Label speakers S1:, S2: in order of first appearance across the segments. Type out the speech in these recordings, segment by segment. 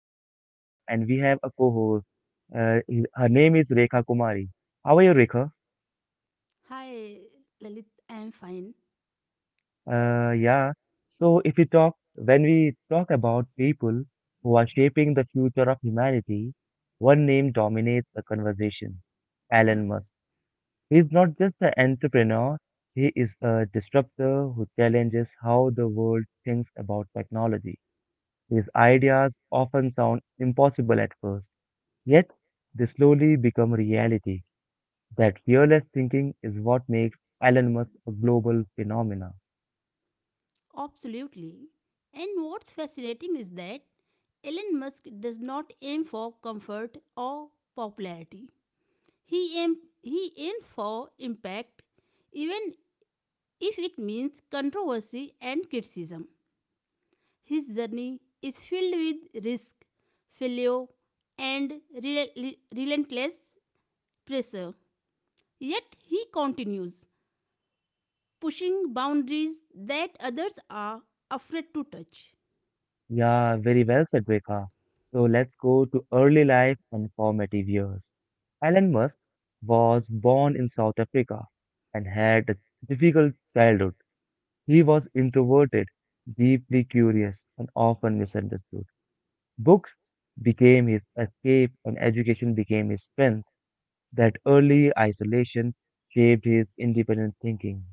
S1: Lalit Singh Rana and we have a co-host. Her name is Rekha Kumari. How are you, Rekha?
S2: Hi, Lalit, I'm fine.
S1: Uh, yeah. So if we talk, When we talk about people who are shaping the future of humanity, one name dominates the conversation. Elon Musk. He is not just an entrepreneur, he is a disruptor who challenges how the world thinks about technology. His ideas often sound impossible at first, yet they slowly become reality. That fearless thinking is what makes Elon Musk a global phenomena.
S2: Absolutely. And what's fascinating is that Elon Musk does not aim for comfort or popularity. He aims for impact, even if it means controversy and criticism. His journey is filled with risk, failure, and relentless pressure. Yet he continues pushing boundaries that others are afraid to touch.
S1: Yeah, very well said, Rekha. So let's go to early life and formative years. Elon Musk was born in South Africa and had a difficult childhood. He was introverted, deeply curious, and often misunderstood. Books became his escape, and education became his strength. That early isolation shaped his independent thinking.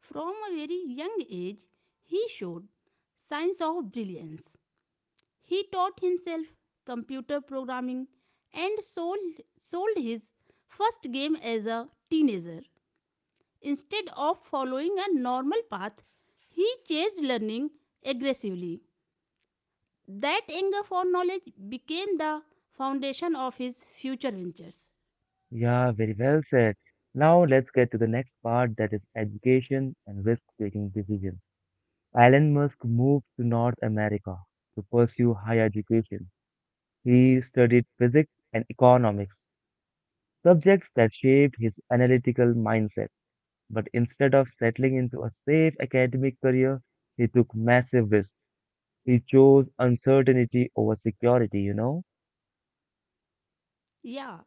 S2: From a very young age, he showed signs of brilliance. He taught himself computer programming and sold his first game as a teenager. Instead of following a normal path, he chased learning aggressively. That hunger for knowledge became the foundation of his future ventures.
S1: Yeah, very well said. Now let's get to the next part, that is education and risk-taking decisions. Elon Musk moved to North America to pursue higher education. He studied physics and economics, subjects that shaped his analytical mindset. But instead of settling into a safe academic career, he took massive risks. He chose uncertainty over security, you know.
S2: Yeah,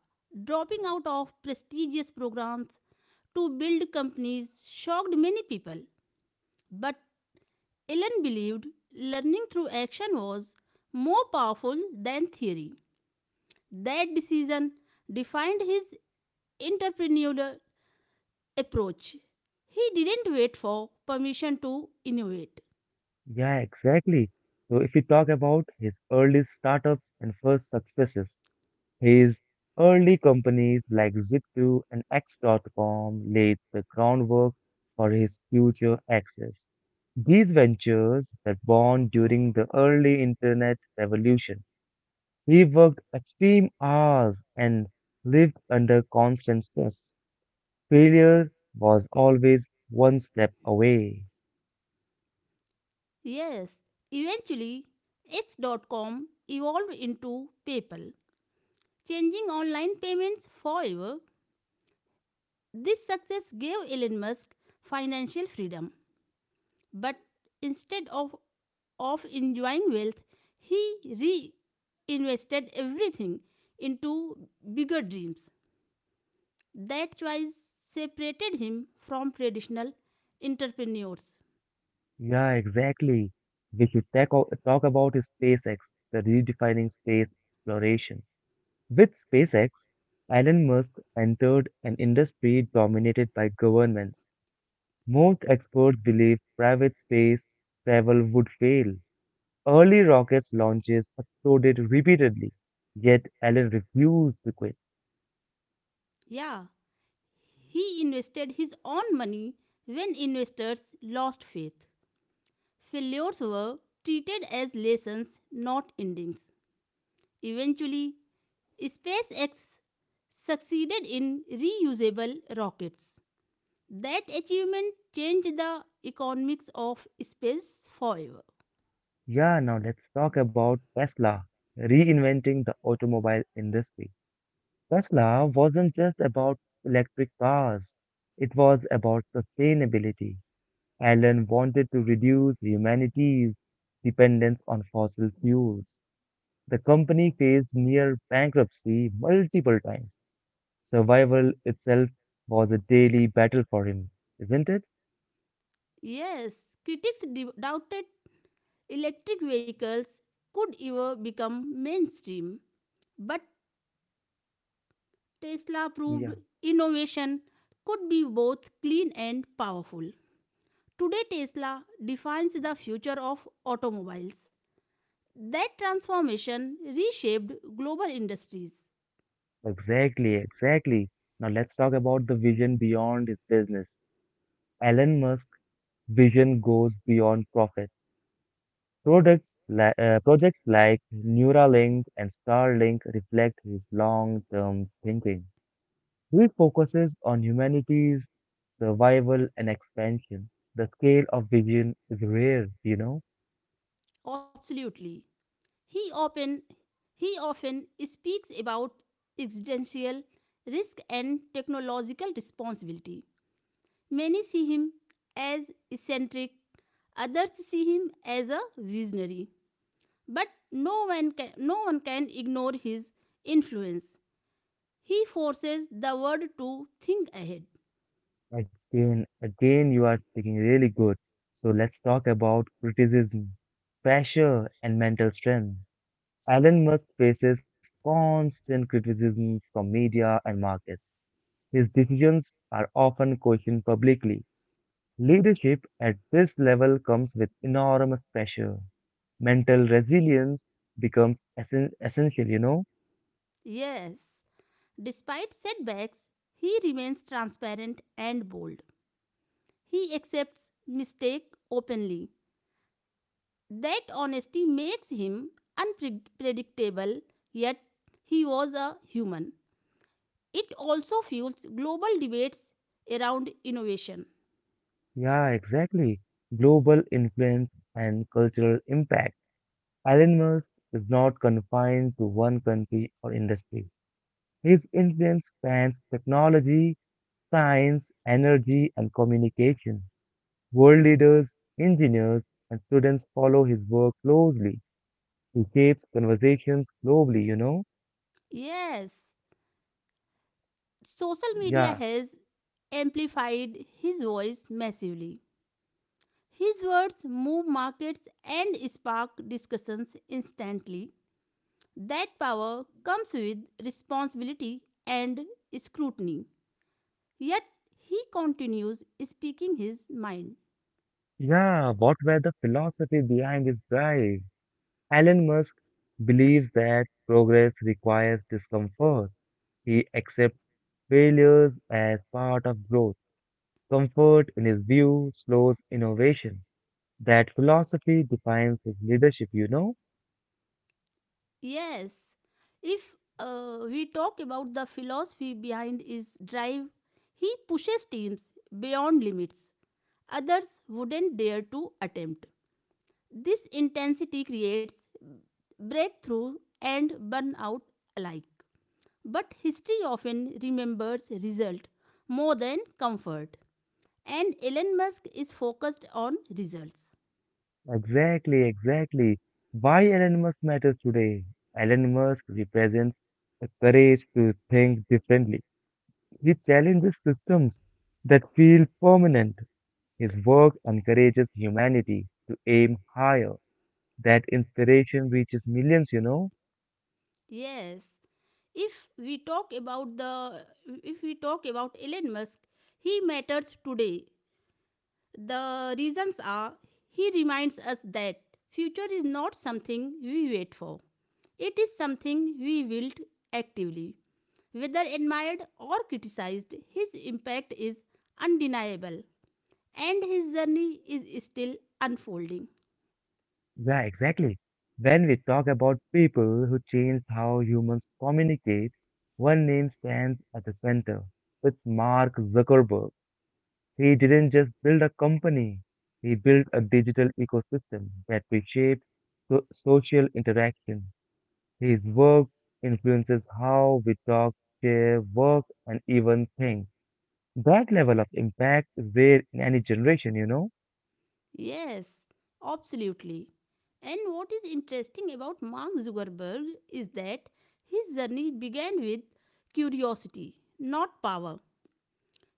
S2: dropping out of prestigious programs to build companies shocked many people. But Ellen believed learning through action was more powerful than theory. That decision defined his entrepreneurial approach. He didn't wait for permission to innovate.
S1: Yeah, exactly. So if we talk about his early startups and first successes, his early companies like Zip2 and X.com laid the groundwork for his future access. These ventures were born during the early internet revolution. He worked extreme hours and lived under constant stress. Failure was always one step away.
S2: Yes, eventually, X. dot com evolved into PayPal, changing online payments forever. This success gave Elon Musk financial freedom, but instead of, of enjoying wealth, he reinvested everything into bigger dreams. That choice separated him from traditional entrepreneurs.
S1: Yeah, exactly. Talk about SpaceX, the redefining space exploration. With SpaceX, Elon Musk entered an industry dominated by governments. Most experts believe private space travel would fail. Early rockets launches exploded repeatedly, yet Elon refused to quit.
S2: Yeah, he invested his own money when investors lost faith. Failures were treated as lessons, not endings. Eventually, SpaceX succeeded in reusable rockets. That achievement changed the economics of space forever.
S1: Yeah, now let's talk about Tesla, reinventing the automobile industry. Tesla wasn't just about electric cars, it was about sustainability. Allen wanted to reduce humanity's dependence on fossil fuels. The company faced near bankruptcy multiple times. Survival itself was a daily battle for him, isn't it?
S2: Yes, critics doubted electric vehicles could ever become mainstream, but Tesla proved
S1: Yeah,
S2: innovation could be both clean and powerful. Today, Tesla defines the future of automobiles. That transformation reshaped global industries.
S1: exactly, exactly. Now let's talk about the vision beyond his business. Elon Musk's vision goes beyond profit. Projects like Neuralink and Starlink reflect his long-term thinking. He focuses on humanity's survival and expansion. The scale of vision is rare, you know.
S2: Absolutely. He often he often speaks about existential risk and technological responsibility. Many see him as eccentric, others see him as a visionary. But no one can ignore his influence. He forces the world to think ahead.
S1: Again, again, you are speaking really good. So let's talk about criticism, pressure, and mental strength. Elon Musk faces constant criticism from media and markets. His decisions are often questioned publicly. Leadership at this level comes with enormous pressure. Mental resilience becomes essential, you know?
S2: Yes, despite setbacks, he remains transparent and bold. He accepts mistake openly. That honesty makes him unpredictable, yet he was a human. It also fuels global debates around innovation.
S1: Yeah, exactly. Global influence and cultural impact. Elon Musk is not confined to one country or industry. His influence spans technology, science, energy, and communication. World leaders, engineers, and students follow his work closely. He shapes conversations globally, you know?
S2: Yes, social media
S1: Yeah,
S2: has amplified his voice massively. His words move markets and spark discussions instantly. That power comes with responsibility and scrutiny. Yet he continues speaking his mind.
S1: yeah, what were the philosophy behind his drive? Elon Musk believes that progress requires discomfort. He accepts failures as part of growth. Comfort, in his view, slows innovation. That philosophy defines his leadership, you know?
S2: Yes. If we talk about the philosophy behind his drive, he pushes teams beyond limits others wouldn't dare to attempt. This intensity creates breakthrough and burnout alike. But history often remembers result more than comfort. And Elon Musk is focused on results.
S1: Exactly, exactly. Why Elon Musk matters today? Elon Musk represents the courage to think differently. He challenges systems that feel permanent. His work encourages humanity to aim higher. That inspiration reaches millions, you know?
S2: Yes. If we talk about the If we talk about Elon Musk, he matters today. The reasons are he reminds us that future is not something we wait for. It is something we build actively. Whether admired or criticized, his impact is undeniable and his journey is still unfolding.
S1: Yeah, exactly. When we talk about people who changed how humans communicate, one name stands at the center. It's Mark Zuckerberg. He didn't just build a company, he built a digital ecosystem that reshapes social interaction. His work influences how we talk, share, work, and even think. That level of impact is rare in any generation, you know?
S2: Yes, absolutely. And what is interesting about Mark Zuckerberg is that his journey began with curiosity, not power.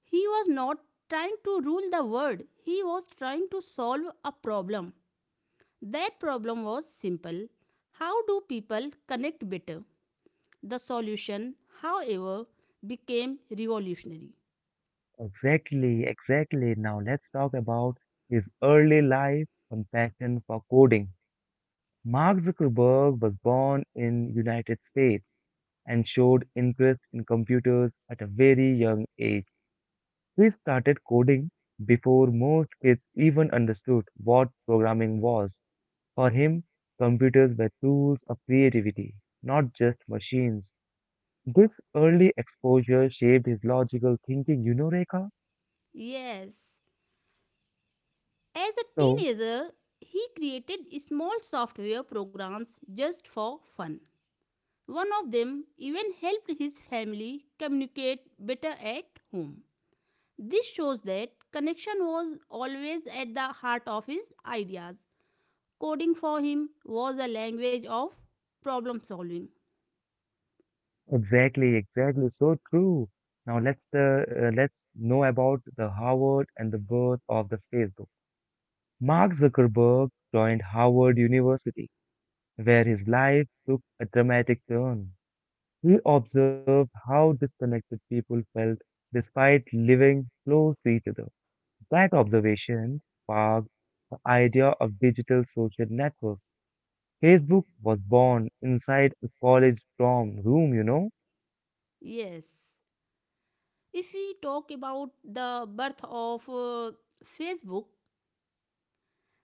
S2: He was not trying to rule the world, he was trying to solve a problem. That problem was simple: how do people connect better? The solution, however, became revolutionary.
S1: Exactly, exactly. Now let's talk about his early life and passion for coding. Mark Zuckerberg was born in United States and showed interest in computers at a very young age. He started coding before most kids even understood what programming was. For him, computers were tools of creativity, not just machines. This early exposure shaped his logical thinking, you know, Rekha?
S2: Yes, as a
S1: So,
S2: teenager, he created small software programs just for fun. One of them even helped his family communicate better at home. This shows that connection was always at the heart of his ideas. Coding for him was a language of problem solving.
S1: exactly, exactly, so true. Now let's let's know about the Harvard and the birth of the Facebook. Mark Zuckerberg joined Harvard University, where his life took a dramatic turn. He observed how disconnected people felt despite living close to each other. That observation sparked the idea of digital social networks. Facebook was born inside a college dorm room, you know?
S2: Yes. If we talk about the birth of Facebook,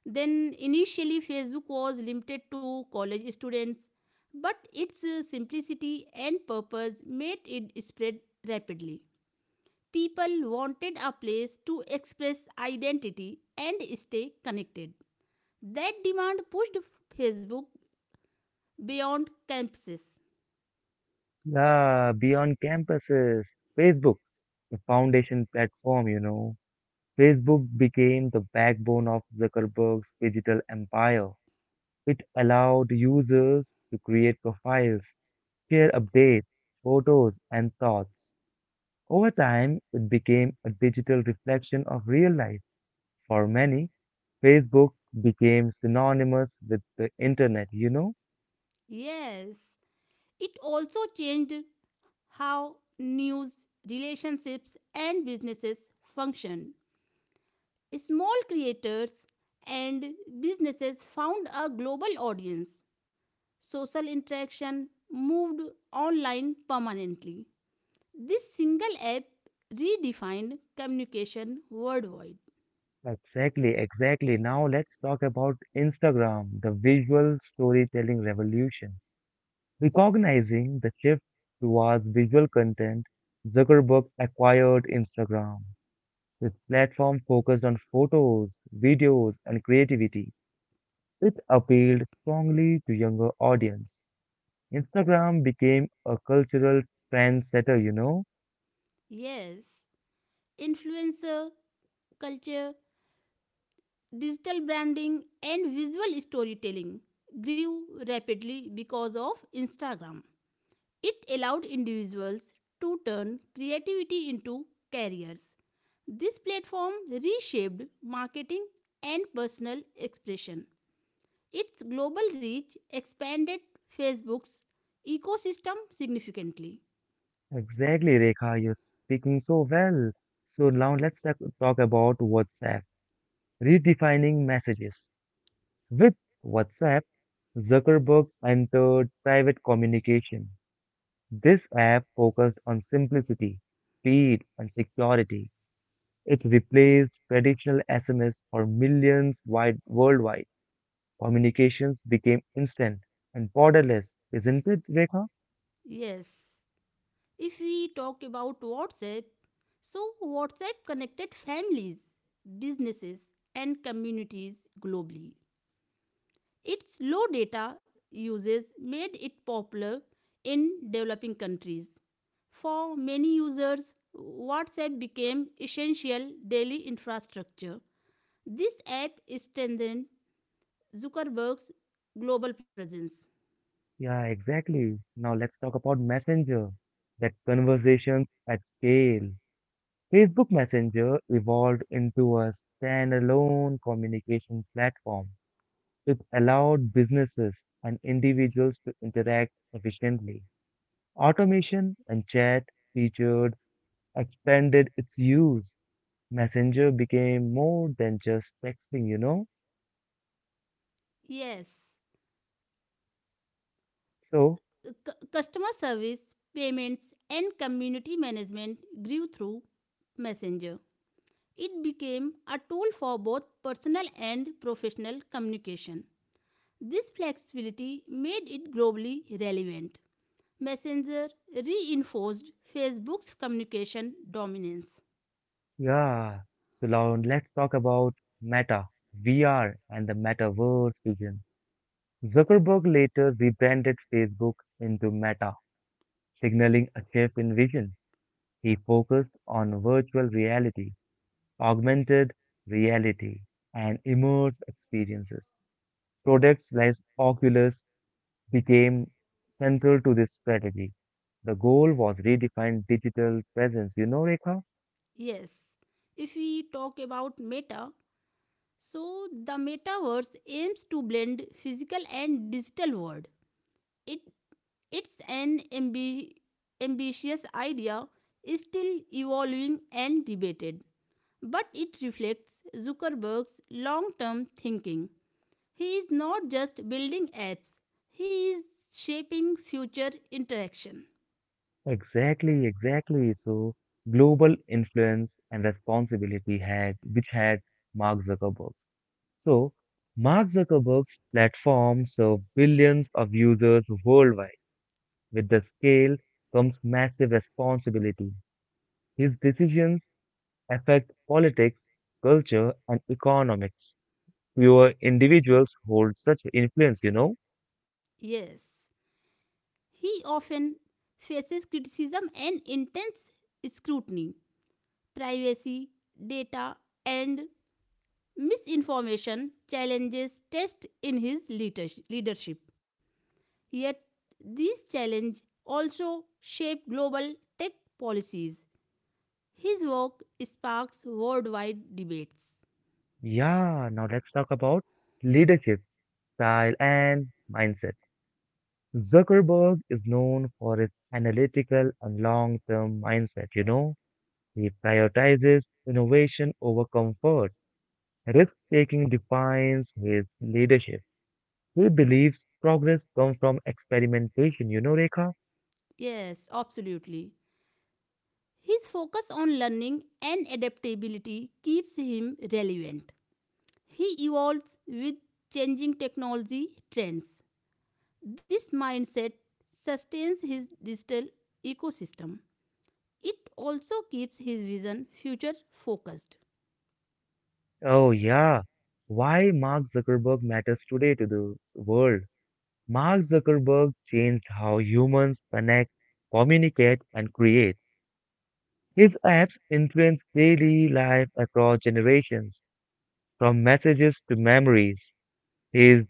S2: then initially Facebook was limited to college students, but its simplicity and purpose made it spread rapidly. People wanted a place to express identity and stay connected. That demand pushed Facebook beyond campuses.
S1: Yeah, beyond campuses. Facebook, the foundation platform, you know? Facebook became the backbone of Zuckerberg's digital empire. It allowed users to create profiles, share updates, photos, and thoughts. Over time, it became a digital reflection of real life. For many, Facebook became synonymous with the internet, you know?
S2: Yes, it also changed how news, relationships, and businesses function. Small creators and businesses found a global audience. Social interaction moved online permanently. This single app redefined communication worldwide.
S1: Exactly, exactly. Now let's talk about Instagram, the visual storytelling revolution. Recognizing the shift towards visual content, Zuckerberg acquired Instagram. This platform focused on photos, videos, and creativity. It appealed strongly to younger audience. Instagram became a cultural trendsetter, you know?
S2: Yes, influencer culture, digital branding, and visual storytelling grew rapidly because of Instagram. It allowed individuals to turn creativity into careers. This platform reshaped marketing and personal expression. Its global reach expanded Facebook's ecosystem significantly.
S1: Exactly, Rekha, you're speaking so well. So now let's talk about WhatsApp, redefining messages. With WhatsApp, Zuckerberg entered private communication. This app focused on simplicity, speed, and security. It replaced traditional SMS for millions wide worldwide. Communications became instant and borderless, isn't it, Rekha?
S2: Yes, if we talk about WhatsApp, so WhatsApp connected families, businesses, and communities globally. Its low data uses made it popular in developing countries. For many users, WhatsApp became essential daily infrastructure. This app strengthened Zuckerberg's global presence.
S1: Yeah, exactly. Now let's talk about Messenger, that conversations at scale. Facebook Messenger evolved into a standalone communication platform. It allowed businesses and individuals to interact efficiently. Automation and chat featured expanded its use. Messenger became more than just texting, you know?
S2: Yes,
S1: So,
S2: customer service, payments, and community management grew through Messenger. It became a tool for both personal and professional communication. This flexibility made it globally relevant. Messenger reinforced Facebook's communication dominance.
S1: yeah. So now let's talk about Meta, VR, and the metaverse vision. Zuckerberg later rebranded Facebook into Meta, signaling a shift in vision. He focused on virtual reality, augmented reality, and immersive experiences. Products like Oculus became central to this strategy. The goal was redefine digital presence. You know, Rekha?
S2: Yes, if we talk about Meta, so the metaverse aims to blend physical and digital world. It it's an ambitious idea, is still evolving and debated, but it reflects Zuckerberg's long-term thinking. He is not just building apps, he is shaping future interaction.
S1: Exactly, exactly. So global influence and responsibility had which had Mark Zuckerberg's. So Mark Zuckerberg's platform served billions of users worldwide. With the scale comes massive responsibility. His decisions affect politics, culture, and economics. Fewer individuals hold such influence, you know?
S2: Yes, he often faces criticism and intense scrutiny. Privacy, data, and misinformation challenges test in his leadership. Yet, these challenges also shape global tech policies. His work sparks worldwide debates.
S1: Yeah, now let's talk about leadership, style, and mindset. Zuckerberg is known for his analytical and long term mindset, you know? He prioritizes innovation over comfort. Risk taking defines his leadership. He believes progress comes from experimentation, you know, Rekha?
S2: Yes, absolutely. His focus on learning and adaptability keeps him relevant. He evolves with changing technology trends. This mindset sustains his digital ecosystem. It also keeps his vision future focused.
S1: Oh, yeah. Why Mark Zuckerberg matters today to the world. Mark Zuckerberg changed how humans connect, communicate, and create. His apps influence daily life across generations, from messages to memories. His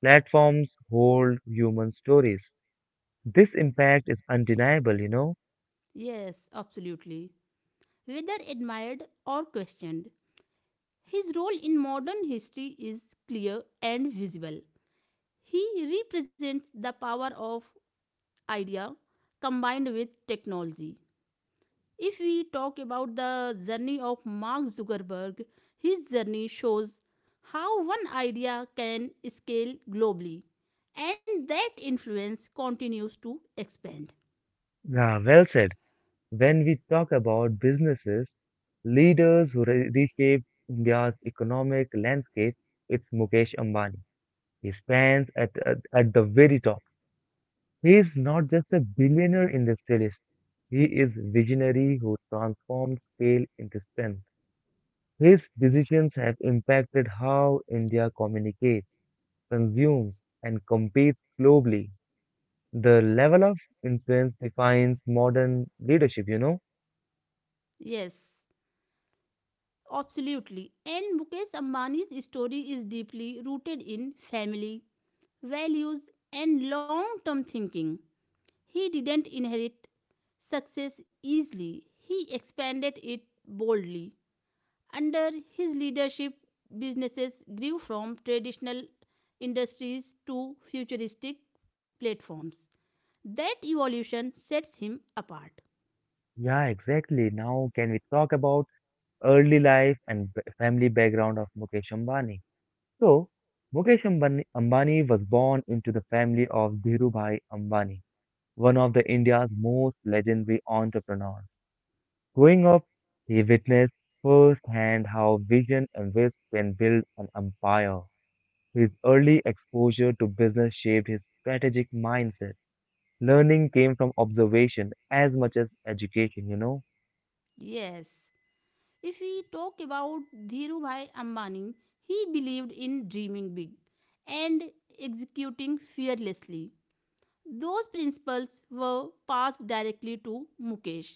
S1: platforms hold human stories. This impact is undeniable, you know?
S2: Yes, absolutely. Whether admired or questioned, his role in modern history is clear and visible. He represents the power of idea combined with technology. If we talk about the journey of Mark Zuckerberg, his journey shows how one idea can scale globally and that influence continues to expand.
S1: Yeah, well said. When we talk about businesses, leaders who reshaped India's economic landscape, it's Mukesh Ambani. He stands at the very top. He is not just a billionaire industrialist. He is visionary who transforms scale into strength. His decisions have impacted how India communicates, consumes, and competes globally. The level of influence defines modern leadership, you know?
S2: Yes, absolutely. And Mukesh Ambani's story is deeply rooted in family, values, and long term thinking. He didn't inherit success easily, he expanded it boldly. Under his leadership, businesses grew from traditional industries to futuristic platforms. That evolution sets him apart.
S1: Yeah, exactly. Now, can we talk about early life and family background of Mukesh Ambani? So, Ambani was born into the family of Dhirubhai Ambani, one of the India's most legendary entrepreneurs. Growing up, he witnessed firsthand how vision and risk can build an empire. His early exposure to business shaped his strategic mindset. Learning came from observation as much as education, you know.
S2: Yes. If we talk about Dhirubhai Ambani, he believed in dreaming big and executing fearlessly. Those principles were passed directly to Mukesh.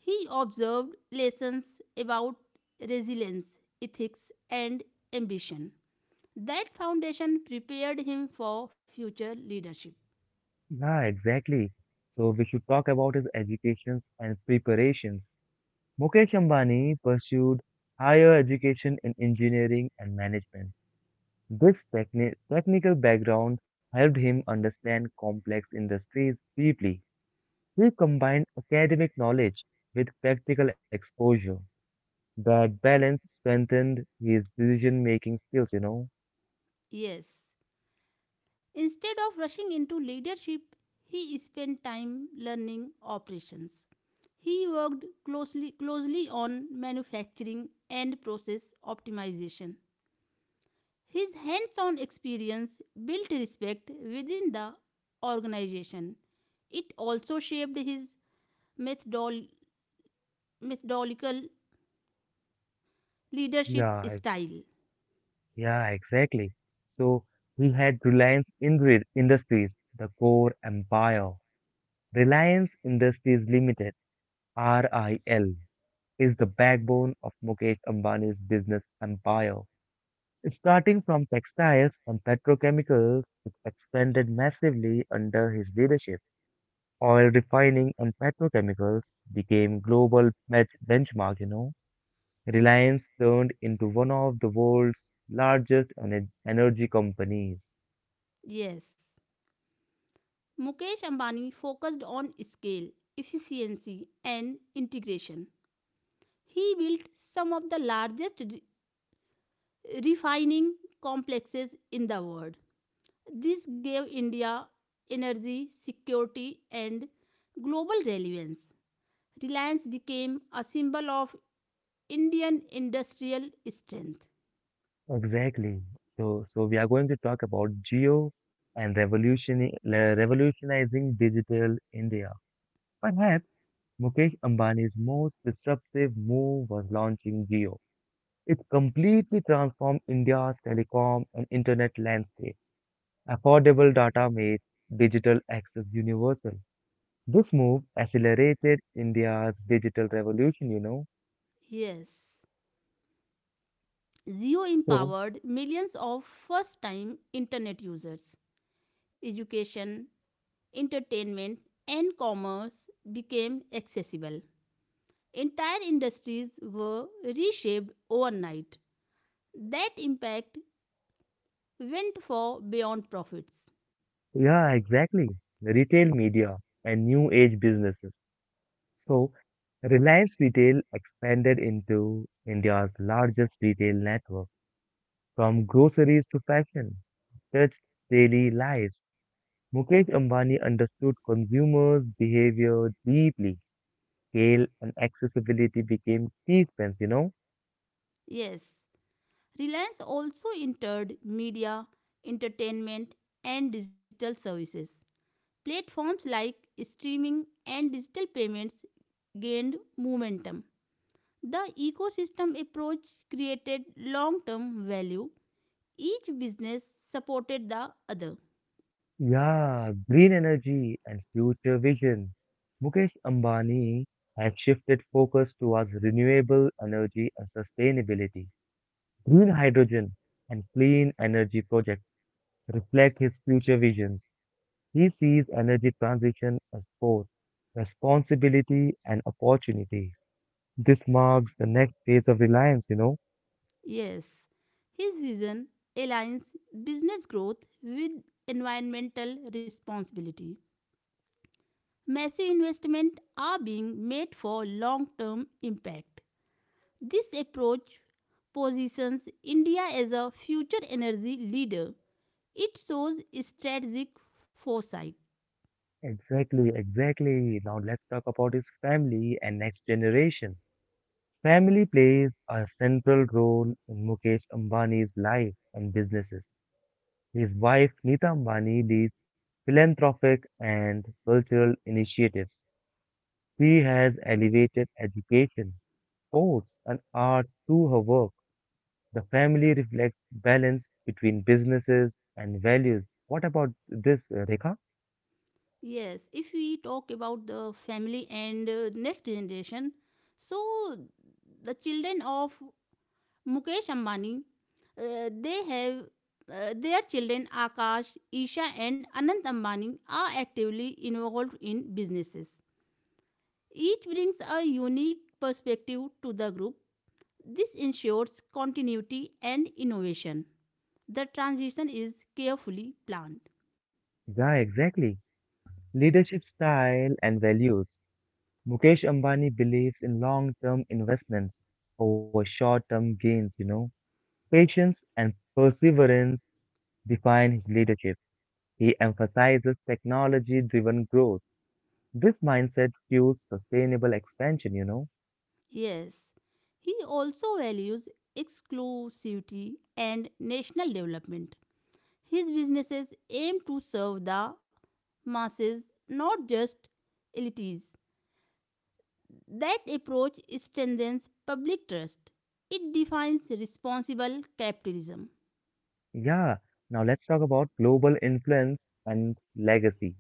S2: He observed lessons about resilience, ethics, and ambition. That foundation prepared him for future leadership.
S1: Yeah, exactly. So we should talk about his educations and preparations. Mukesh Ambani pursued higher education in engineering and management. This technical background helped him understand complex industries deeply. He combined academic knowledge with practical exposure. That balance strengthened his decision-making skills, you know.
S2: Yes, instead of rushing into leadership, he spent time learning operations. He worked closely on manufacturing and process optimization. His hands on experience built respect within the organization. It also shaped his methodol- methodological leadership
S1: Yeah,
S2: style.
S1: Yeah, exactly. So he had Reliance Industries, the core empire. Reliance Industries Limited, RIL, is the backbone of Mukesh Ambani's business empire. Starting from textiles and petrochemicals, it expanded massively under his leadership. Oil refining and petrochemicals became global benchmark, you know. Reliance turned into one of the world's largest energy companies.
S2: Yes. Mukesh Ambani focused on scale, efficiency, and integration. He built some of the largest refining complexes in the world. This gave India energy, security, and global relevance. Reliance became a symbol of Indian industrial strength.
S1: Exactly. So, so we are going to talk about Geo and revolutionizing digital India. Perhaps Mukesh Ambani's most disruptive move was launching Geo. It completely transformed India's telecom and internet landscape. Affordable data made digital access universal. This move accelerated India's digital revolution, you know.
S2: Yes, Zio
S1: So,
S2: empowered millions of first time internet users. Education, entertainment, and commerce became accessible. Entire industries were reshaped overnight. That impact went far beyond profits.
S1: yeah, exactly. The retail media and new age businesses. So, Reliance Retail expanded into India's largest retail network, from groceries to fashion, touched daily lives. Mukesh Ambani understood consumers' behavior deeply. Scale and accessibility became key strengths, you know?
S2: Yes, Reliance also entered media, entertainment, and digital services. Platforms like streaming and digital payments gained momentum. The ecosystem approach created long term value. Each business supported the other.
S1: Yeah, green energy and future vision. Mukesh Ambani has shifted focus towards renewable energy and sustainability. Green hydrogen and clean energy projects reflect his future visions. He sees energy transition as both responsibility and opportunity. This marks the next phase of Reliance, you know.
S2: Yes, his vision aligns business growth with environmental responsibility. Massive investments are being made for long term impact. This approach positions India as a future energy leader. It shows strategic foresight.
S1: Exactly, exactly. Now let's talk about his family and next generation. Family plays a central role in Mukesh Ambani's life and businesses. His wife Nita Ambani leads philanthropic and cultural initiatives. She has elevated education sports and art through her work. The family reflects balance between businesses and values. What about this, Rekha?
S2: Yes, if we talk about the family and next generation, so the children of Mukesh Ambani, they have their children Akash, Isha, and Anant Ambani are actively involved in businesses. Each brings a unique perspective to the group. This ensures continuity and innovation. The transition is carefully planned.
S1: Yeah, exactly. Leadership style and values. Mukesh Ambani believes in long-term investments over short-term gains, you know. Patience and perseverance define his leadership. He emphasizes technology-driven growth. This mindset fuels sustainable expansion.
S2: Yes, he also values exclusivity and national development. His businesses aim to serve the masses, not just elites. That approach strengthens public trust. It defines responsible capitalism.
S1: Yeah, now let's talk about global influence and legacy.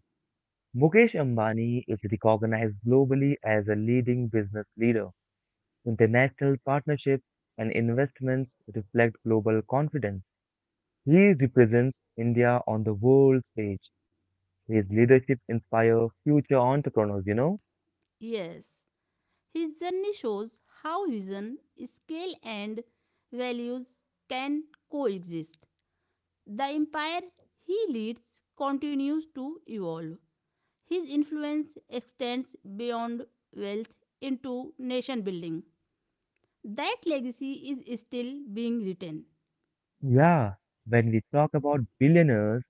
S1: Mukesh Ambani is recognized globally as a leading business leader. International partnerships and investments reflect global confidence. He represents India on the world stage. His leadership inspires future entrepreneurs.
S2: Yes, his journey shows how vision, scale, and values can coexist. The empire he leads continues to evolve. His influence extends beyond wealth into nation building. That legacy is still being written.
S1: Yeah, when we talk about billionaires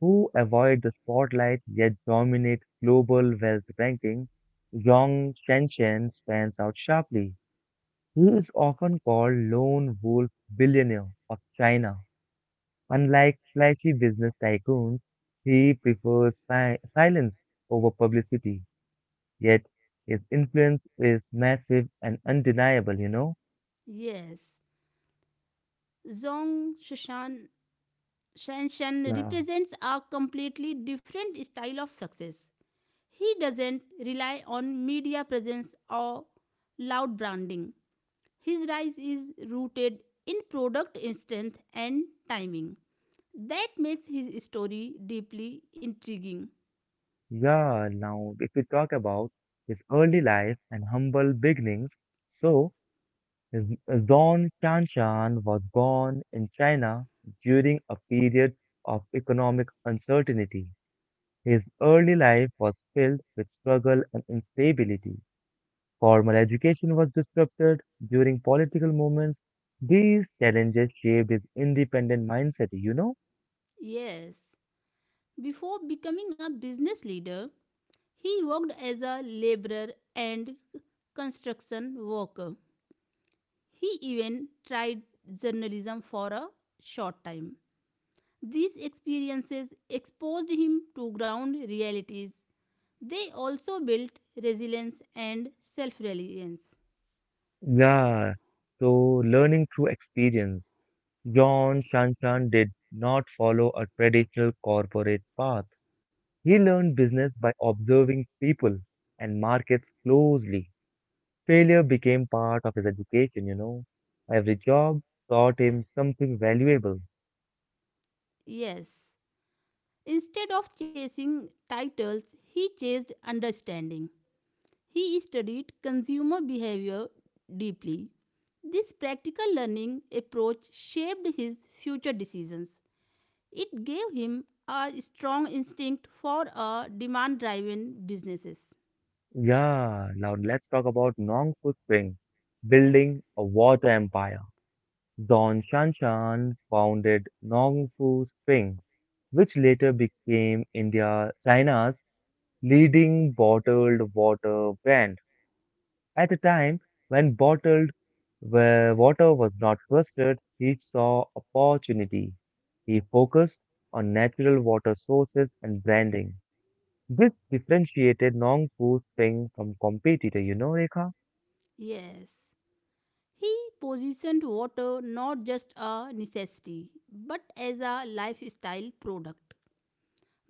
S1: who avoid the spotlight yet dominate global wealth ranking, Zhong Shenzhen stands out sharply. He is often called lone wolf billionaire of China. Unlike flashy business tycoons, he prefers silence over publicity. Yet his influence is massive and undeniable.
S2: Yes, Zhong Shushan Shanshan represents a completely different style of success. He doesn't rely on media presence or loud branding. His rise is rooted in product strength and timing. That makes his story deeply intriguing.
S1: Yeah, now if we talk about his early life and humble beginnings, so his Don Chanshan was born in China during a period of economic uncertainty. His early life was filled with struggle and instability. Formal education was disrupted during political movements. These challenges shaped his independent mindset.
S2: Yes. Before becoming a business leader, he worked as a laborer and construction worker. He even tried journalism for a short time. These experiences exposed him to ground realities. They also built resilience and self reliance.
S1: Yeah, so learning through experience. Yon Shanshan did not follow a traditional corporate path. He learned business by observing people and markets closely. Failure became part of his education. Every job taught him something valuable.
S2: Yes, instead of chasing titles, he chased understanding. He studied consumer behavior deeply. This practical learning approach shaped his future decisions. It gave him a strong instinct for a demand driven businesses.
S1: Yeah, now let's talk about Nongfu Spring, building a water empire. Don Shanshan founded Nongfu Spring, which later became India, China's leading bottled water brand. At a time when bottled water was not trusted, he saw opportunity. He focused on natural water sources and branding. This differentiated Nongpo Spring from competitor, you know, Rekha?
S2: Yes. He positioned water not just a necessity but as a lifestyle product.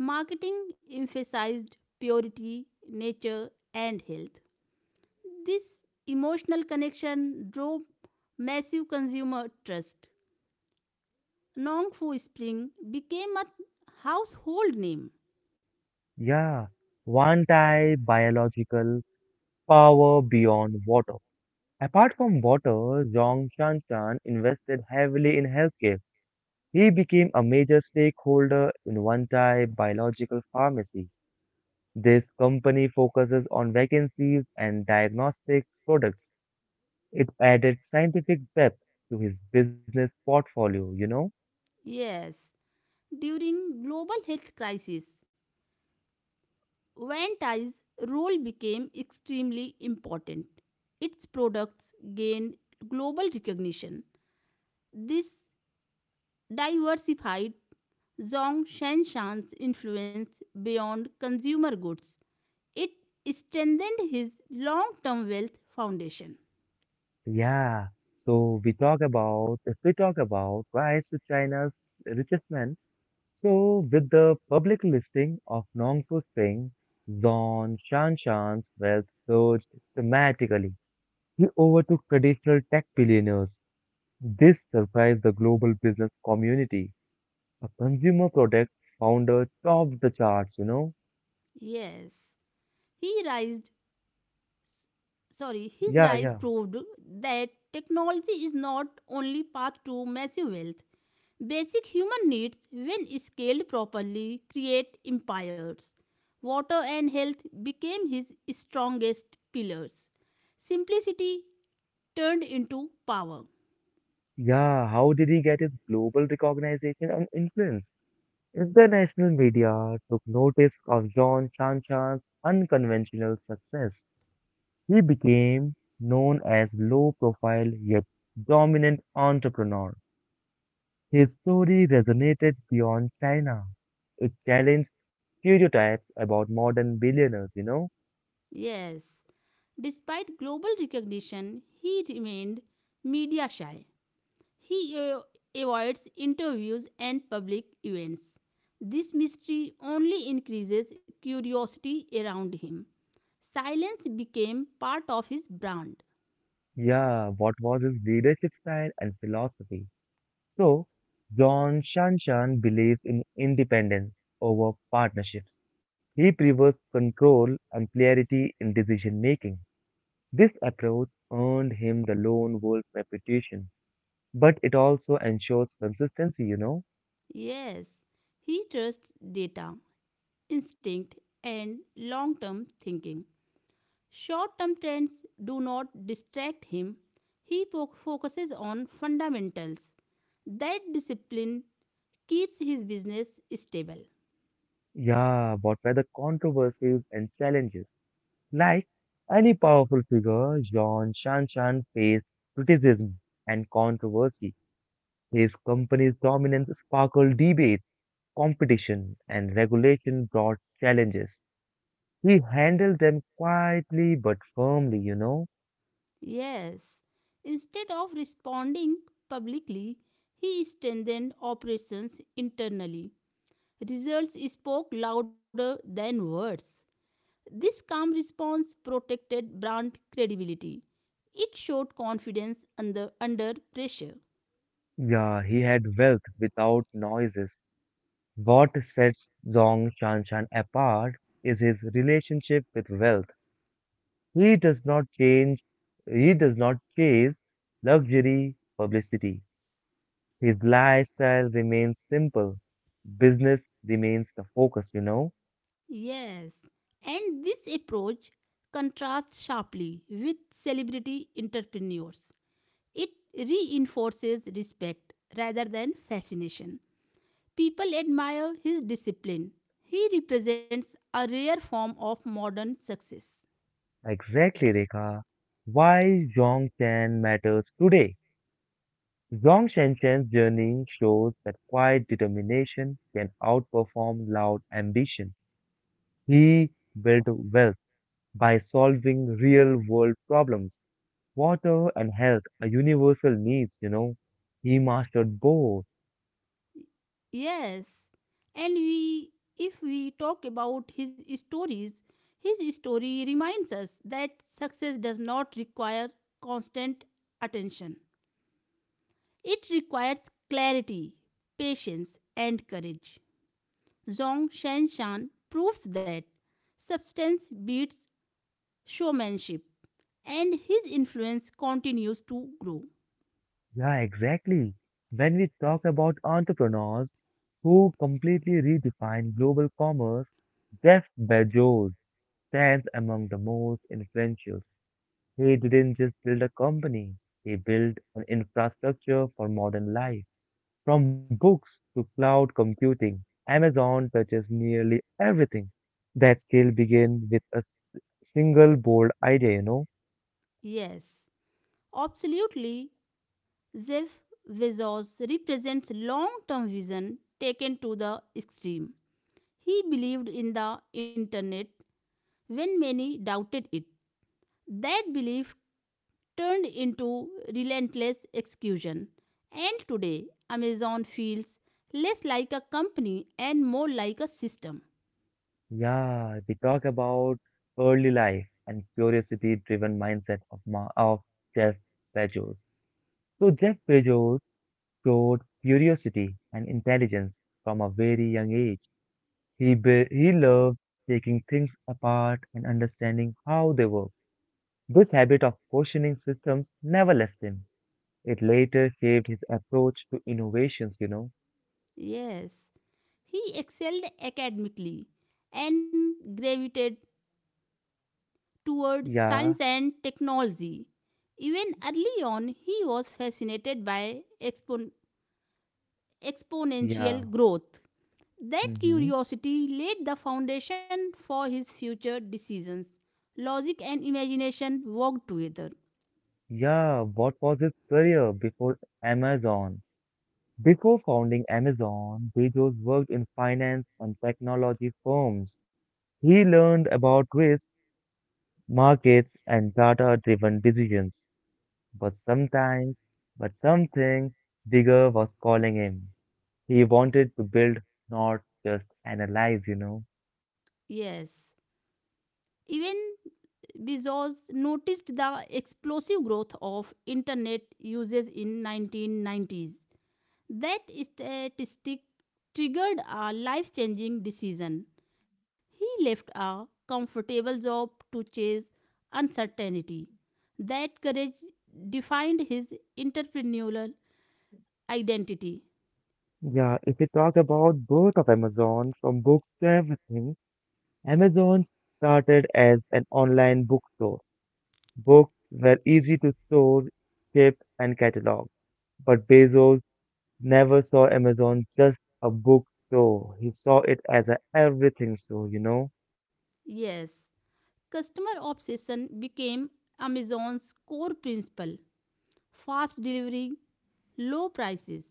S2: Marketing emphasized purity, nature and health. This emotional connection drove massive consumer trust. Nong Fu Spring became a household name.
S1: Yeah. Wantai biological power beyond water. Apart from water, Zhong Shanshan invested heavily in healthcare. He became a major stakeholder in Wantai Biological Pharmacy. This company focuses on vacancies and diagnostic products. It added scientific depth to his business portfolio.
S2: Yes, during global health crisis, Van Tie's role became extremely important. Its products gained global recognition. This diversified Zhong Shanshan's influence beyond consumer goods. It strengthened his long-term wealth foundation.
S1: Yeah. So we talk about, if we talk about rise to China's richest man, so with the public listing of Nongfu Singh, Zon Shanshan's wealth surged dramatically. He overtook traditional tech billionaires. This surprised the global business community. A consumer product founder topped the charts.
S2: Yes, he raised his
S1: Yeah,
S2: rise
S1: yeah.
S2: proved that technology is not only path to massive wealth. Basic human needs, when scaled properly, create empires. Water and health became his strongest pillars. Simplicity turned into power.
S1: Yeah, how did he get his global recognition and influence? International media took notice of John Shanshan's unconventional success. He became known as low profile yet dominant entrepreneur. His story resonated beyond China. It challenged stereotypes about modern billionaires.
S2: Yes. Despite global recognition, he remained media shy. He avoids interviews and public events. This mystery only increases curiosity around him. Silence became part of his brand.
S1: Yeah, what was his leadership style and philosophy? So, John Shanshan believes in independence over partnerships. He prefers control and clarity in decision making. This approach earned him the lone wolf reputation, but it also ensures consistency.
S2: Yes, he trusts data, instinct, and long term thinking. Short term trends do not distract him. He focuses on fundamentals. That discipline keeps his business stable.
S1: Yeah, but whether controversies and challenges. Like any powerful figure, John Shanshan faced criticism and controversy. His company's dominance sparkled debates, competition, and regulation brought challenges. He handled them quietly but firmly.
S2: Yes. Instead of responding publicly, he strengthened operations internally. Results spoke louder than words. This calm response protected brand credibility. It showed confidence under pressure.
S1: Yeah, he had wealth without noises. What sets Zong Shanshan apart is his relationship with wealth. He does not change, he does not chase luxury publicity. His lifestyle remains simple. Business remains the focus.
S2: Yes. And this approach contrasts sharply with celebrity entrepreneurs. It reinforces respect rather than fascination. People admire his discipline. He represents a rare form of modern success.
S1: Exactly, Rekha. Why Zhongchen matters today. Zhong Shenshen's journey shows that quiet determination can outperform loud ambition. He built wealth by solving real world problems. Water and health are universal needs. He mastered both.
S2: Yes, and if we talk about his stories, his story reminds us that success does not require constant attention. It requires clarity, patience, and courage. Zhong Shanshan proves that substance beats showmanship, and his influence continues to grow.
S1: Yeah, exactly. When we talk about entrepreneurs who completely redefine global commerce, Jeff Bezos stands among the most influential. He didn't just build a company, he built an infrastructure for modern life. From books to cloud computing, Amazon touches nearly everything. That scale begins with a single bold idea.
S2: Yes, absolutely. Jeff Bezos represents long term vision taken to the extreme. He believed in the internet when many doubted it. That belief turned into relentless execution. And today, Amazon feels less like a company and more like a system.
S1: Yeah, we talk about early life and curiosity-driven mindset of Ma of Jeff Bezos. So Jeff Bezos showed curiosity and intelligence from a very young age. He loved taking things apart and understanding how they work. This habit of questioning systems never left him. It later shaped his approach to innovations.
S2: Yes. He excelled academically and gravitated toward
S1: Yeah,
S2: science and technology. Even early on, he was fascinated by
S1: yeah.
S2: exponential growth. That
S1: Hmm.
S2: curiosity laid the foundation for his future decisions. Logic and imagination worked together.
S1: Yeah, what was his career before Amazon? Before founding Amazon, Bezos worked in finance and technology firms. He learned about risk, markets, and data-driven decisions. But sometimes, but something bigger was calling him. He wanted to build, not just analyze.
S2: Yes. Even Bezos noticed the explosive growth of internet usage in 1990s. That statistic triggered a life changing decision. He left a comfortable job to chase uncertainty. That courage defined his entrepreneurial identity.
S1: Yeah, if we talk about birth of Amazon, from books to everything, Amazon started as an online bookstore. Books were easy to store, ship, and catalog. But Bezos never saw Amazon just a bookstore. He saw it as a everything store.
S2: Yes, customer obsession became Amazon's core principle: fast delivery, low prices,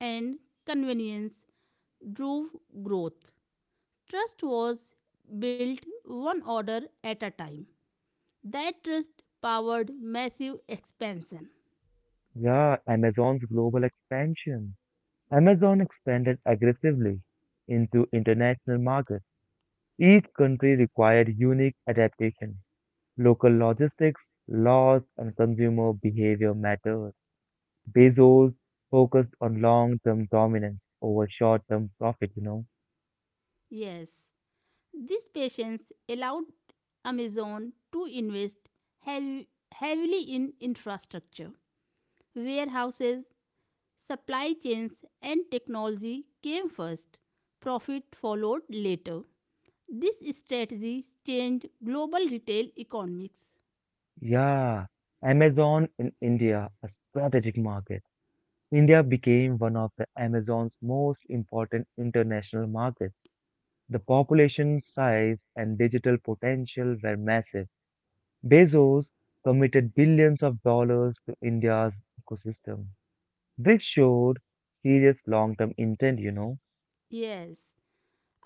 S2: and convenience drove growth. Trust was built one order at a time. That trust powered massive expansion.
S1: Yeah, Amazon's global expansion. Amazon expanded aggressively into international markets. Each country required unique adaptation. Local logistics, laws, and consumer behavior mattered. Bezos focused on long-term dominance over short-term profit.
S2: Yes, this patience allowed Amazon to invest heav- heavily in infrastructure. Warehouses, supply chains, and technology came first. Profit followed later. This strategy changed global retail economics.
S1: Yeah, Amazon in India, a strategic market. India became one of the Amazon's most important international markets. The population size and digital potential were massive. Bezos committed billions of dollars to India's ecosystem. This showed serious long term intent.
S2: Yes,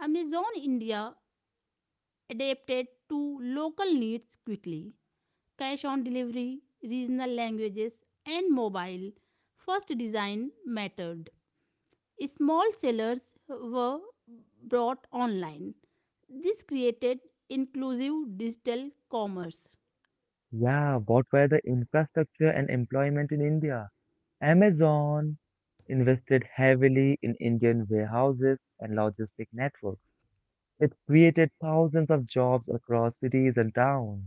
S2: Amazon India adapted to local needs quickly. Cash on delivery, regional languages, and mobile first design mattered. Small sellers were brought online. This created inclusive digital commerce.
S1: Yeah, what were the infrastructure and employment in India? Amazon invested heavily in Indian warehouses and logistic networks. It created thousands of jobs across cities and towns.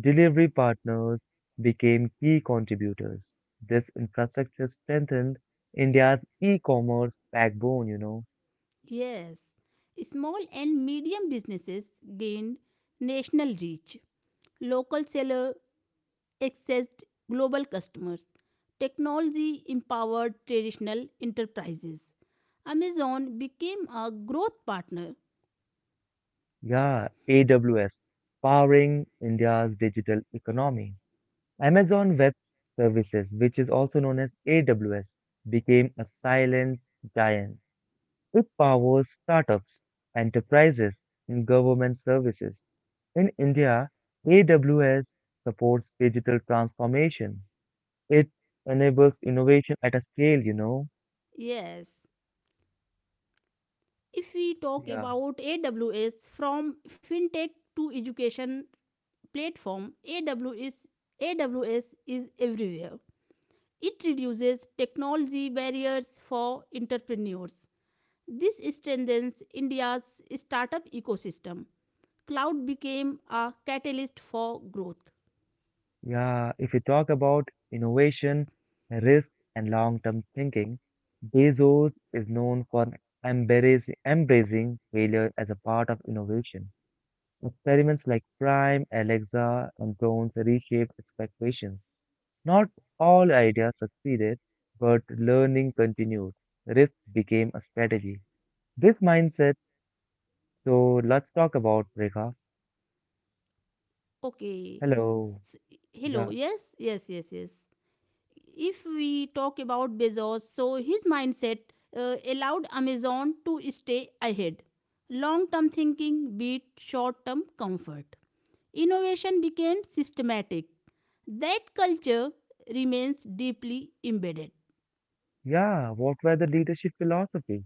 S1: Delivery partners became key contributors. This infrastructure strengthened India's e-commerce backbone.
S2: Yes, small and medium businesses gained national reach. Local seller accessed global customers. Technology empowered traditional enterprises. Amazon became a growth partner.
S1: Yeah, AWS, powering India's digital economy. Amazon Web Services, which is also known as AWS, became a silent giant. It powers startups, enterprises, and government services. In India, AWS supports digital transformation. It enables innovation at a scale.
S2: Yes. If we talk
S1: Yeah.
S2: about AWS, from fintech to education platform, AWS is everywhere. It reduces technology barriers for entrepreneurs. This strengthens India's startup ecosystem. Cloud became a catalyst for growth.
S1: Yeah, if you talk about innovation, risk, and long-term thinking, Bezos is known for embracing failure as a part of innovation. Experiments like Prime, Alexa, and drones reshaped expectations. Not all ideas succeeded, but learning continued. Risk became a strategy. This mindset, so let's talk about Rekha.
S2: Okay.
S1: Hello.
S2: S Hello.
S1: Yeah.
S2: Yes, yes, yes, yes. If we talk about Bezos, so his mindset allowed Amazon to stay ahead. Long term thinking beat short term comfort. Innovation became systematic. That culture remains deeply embedded.
S1: Yeah, what were the leadership philosophy?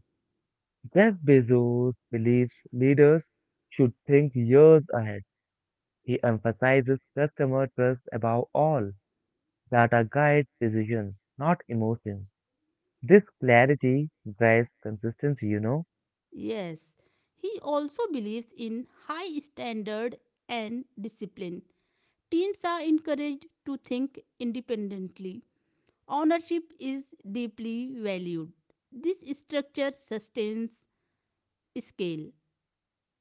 S1: Jeff Bezos believes leaders should think years ahead. He emphasizes customer trust above all. Data guides decisions, not emotions. This clarity drives consistency, you know?
S2: Yes. He also believes in high standard and discipline. Teams are encouraged to think independently. Ownership is deeply valued. This structure sustains scale.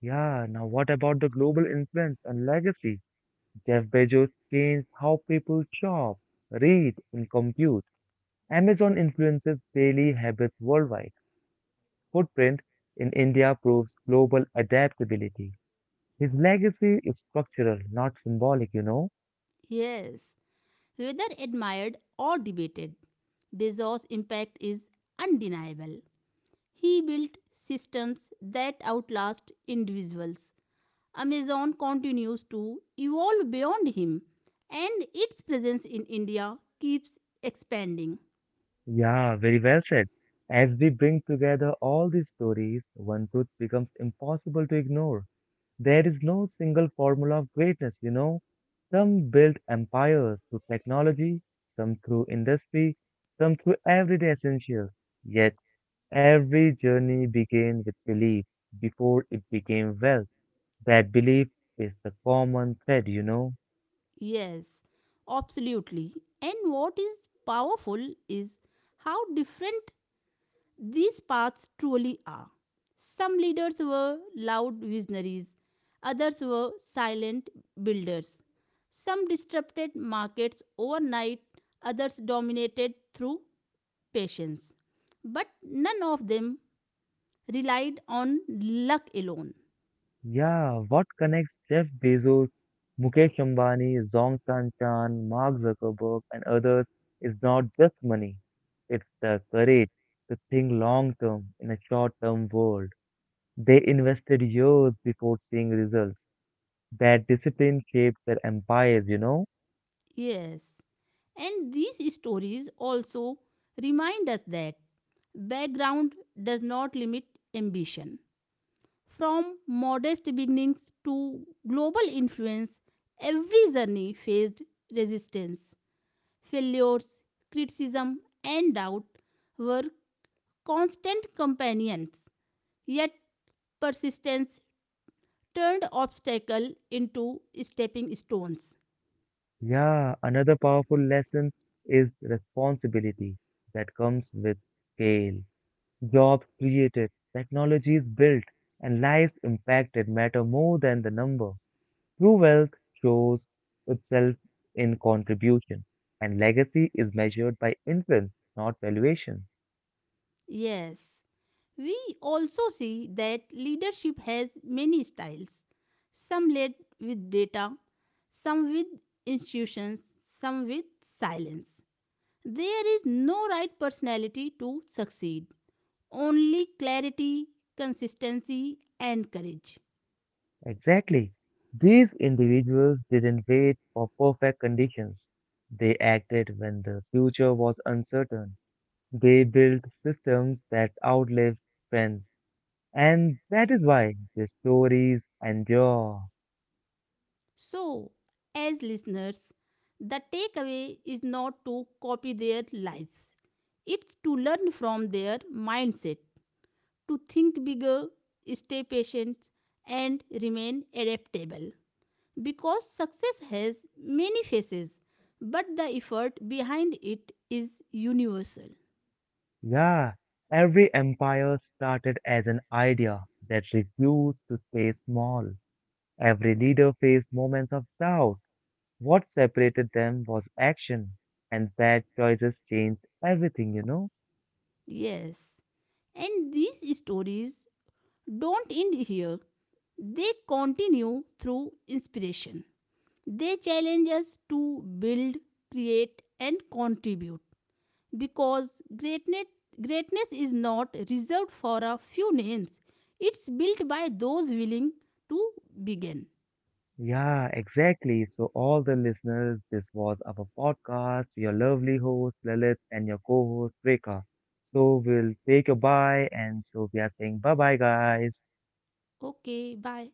S1: Yeah, now what about the global influence and legacy? Jeff Bezos changed how people shop, read, and compute. Amazon influences daily habits worldwide. Footprint in India proves global adaptability. His legacy is structural, not symbolic.
S2: Yes, whether admired or debated, Bezos' impact is undeniable. He built systems that outlast individuals. Amazon continues to evolve beyond him, and its presence in India keeps expanding.
S1: Yeah, very well said. As we bring together all these stories, one truth becomes impossible to ignore. There is no single formula of greatness. Some built empires through technology, some through industry, some through everyday essentials. Yet every journey began with belief before it became wealth. That belief is the common thread.
S2: Yes, absolutely. And what is powerful is how different these paths truly are. Some leaders were loud visionaries, others were silent builders. Some disrupted markets overnight, others dominated through patience. But none of them relied on luck alone.
S1: Yeah, what connects Jeff Bezos, Mukesh Ambani, Zhongshan Chan, Mark Zuckerberg, and others is not just money. It's the courage to think long term in a short term world. They invested years before seeing results. That discipline shaped their empires.
S2: Yes. And these stories also remind us that background does not limit ambition. From modest beginnings to global influence, every journey faced resistance. Failures, criticism, and doubt were constant companions, yet persistence turned obstacle into stepping stones.
S1: Yeah, another powerful lesson is responsibility that comes with scale. Jobs created, technologies built, and lives impacted matter more than the number. True wealth shows itself in contribution, and legacy is measured by influence, not valuation.
S2: Yes. We also see that leadership has many styles. Some led with data, some with institutions, some with silence. There is no right personality to succeed, only clarity, consistency, and courage.
S1: Exactly. These individuals didn't wait for perfect conditions. They acted when the future was uncertain. They built systems that outlived trends. And that is why their stories endure.
S2: So, as listeners, the takeaway is not to copy their lives, it's to learn from their mindset to think bigger, stay patient, and remain adaptable. Because success has many faces, but the effort behind it is universal.
S1: Yeah, every empire started as an idea that refused to stay small. Every leader faced moments of doubt. What separated them was action, and bad choices changed everything, you know?
S2: Yes, and these stories don't end here, they continue through inspiration. They challenge us to build, create, and contribute. Because greatness, greatness is not reserved for a few names. It's built by those willing to begin.
S1: Yeah, exactly. So, all the listeners, this was our podcast, your lovely host Lilith and your co host Rekha. So, we'll take a bye, and so we are saying bye bye, guys.
S2: Okay, bye.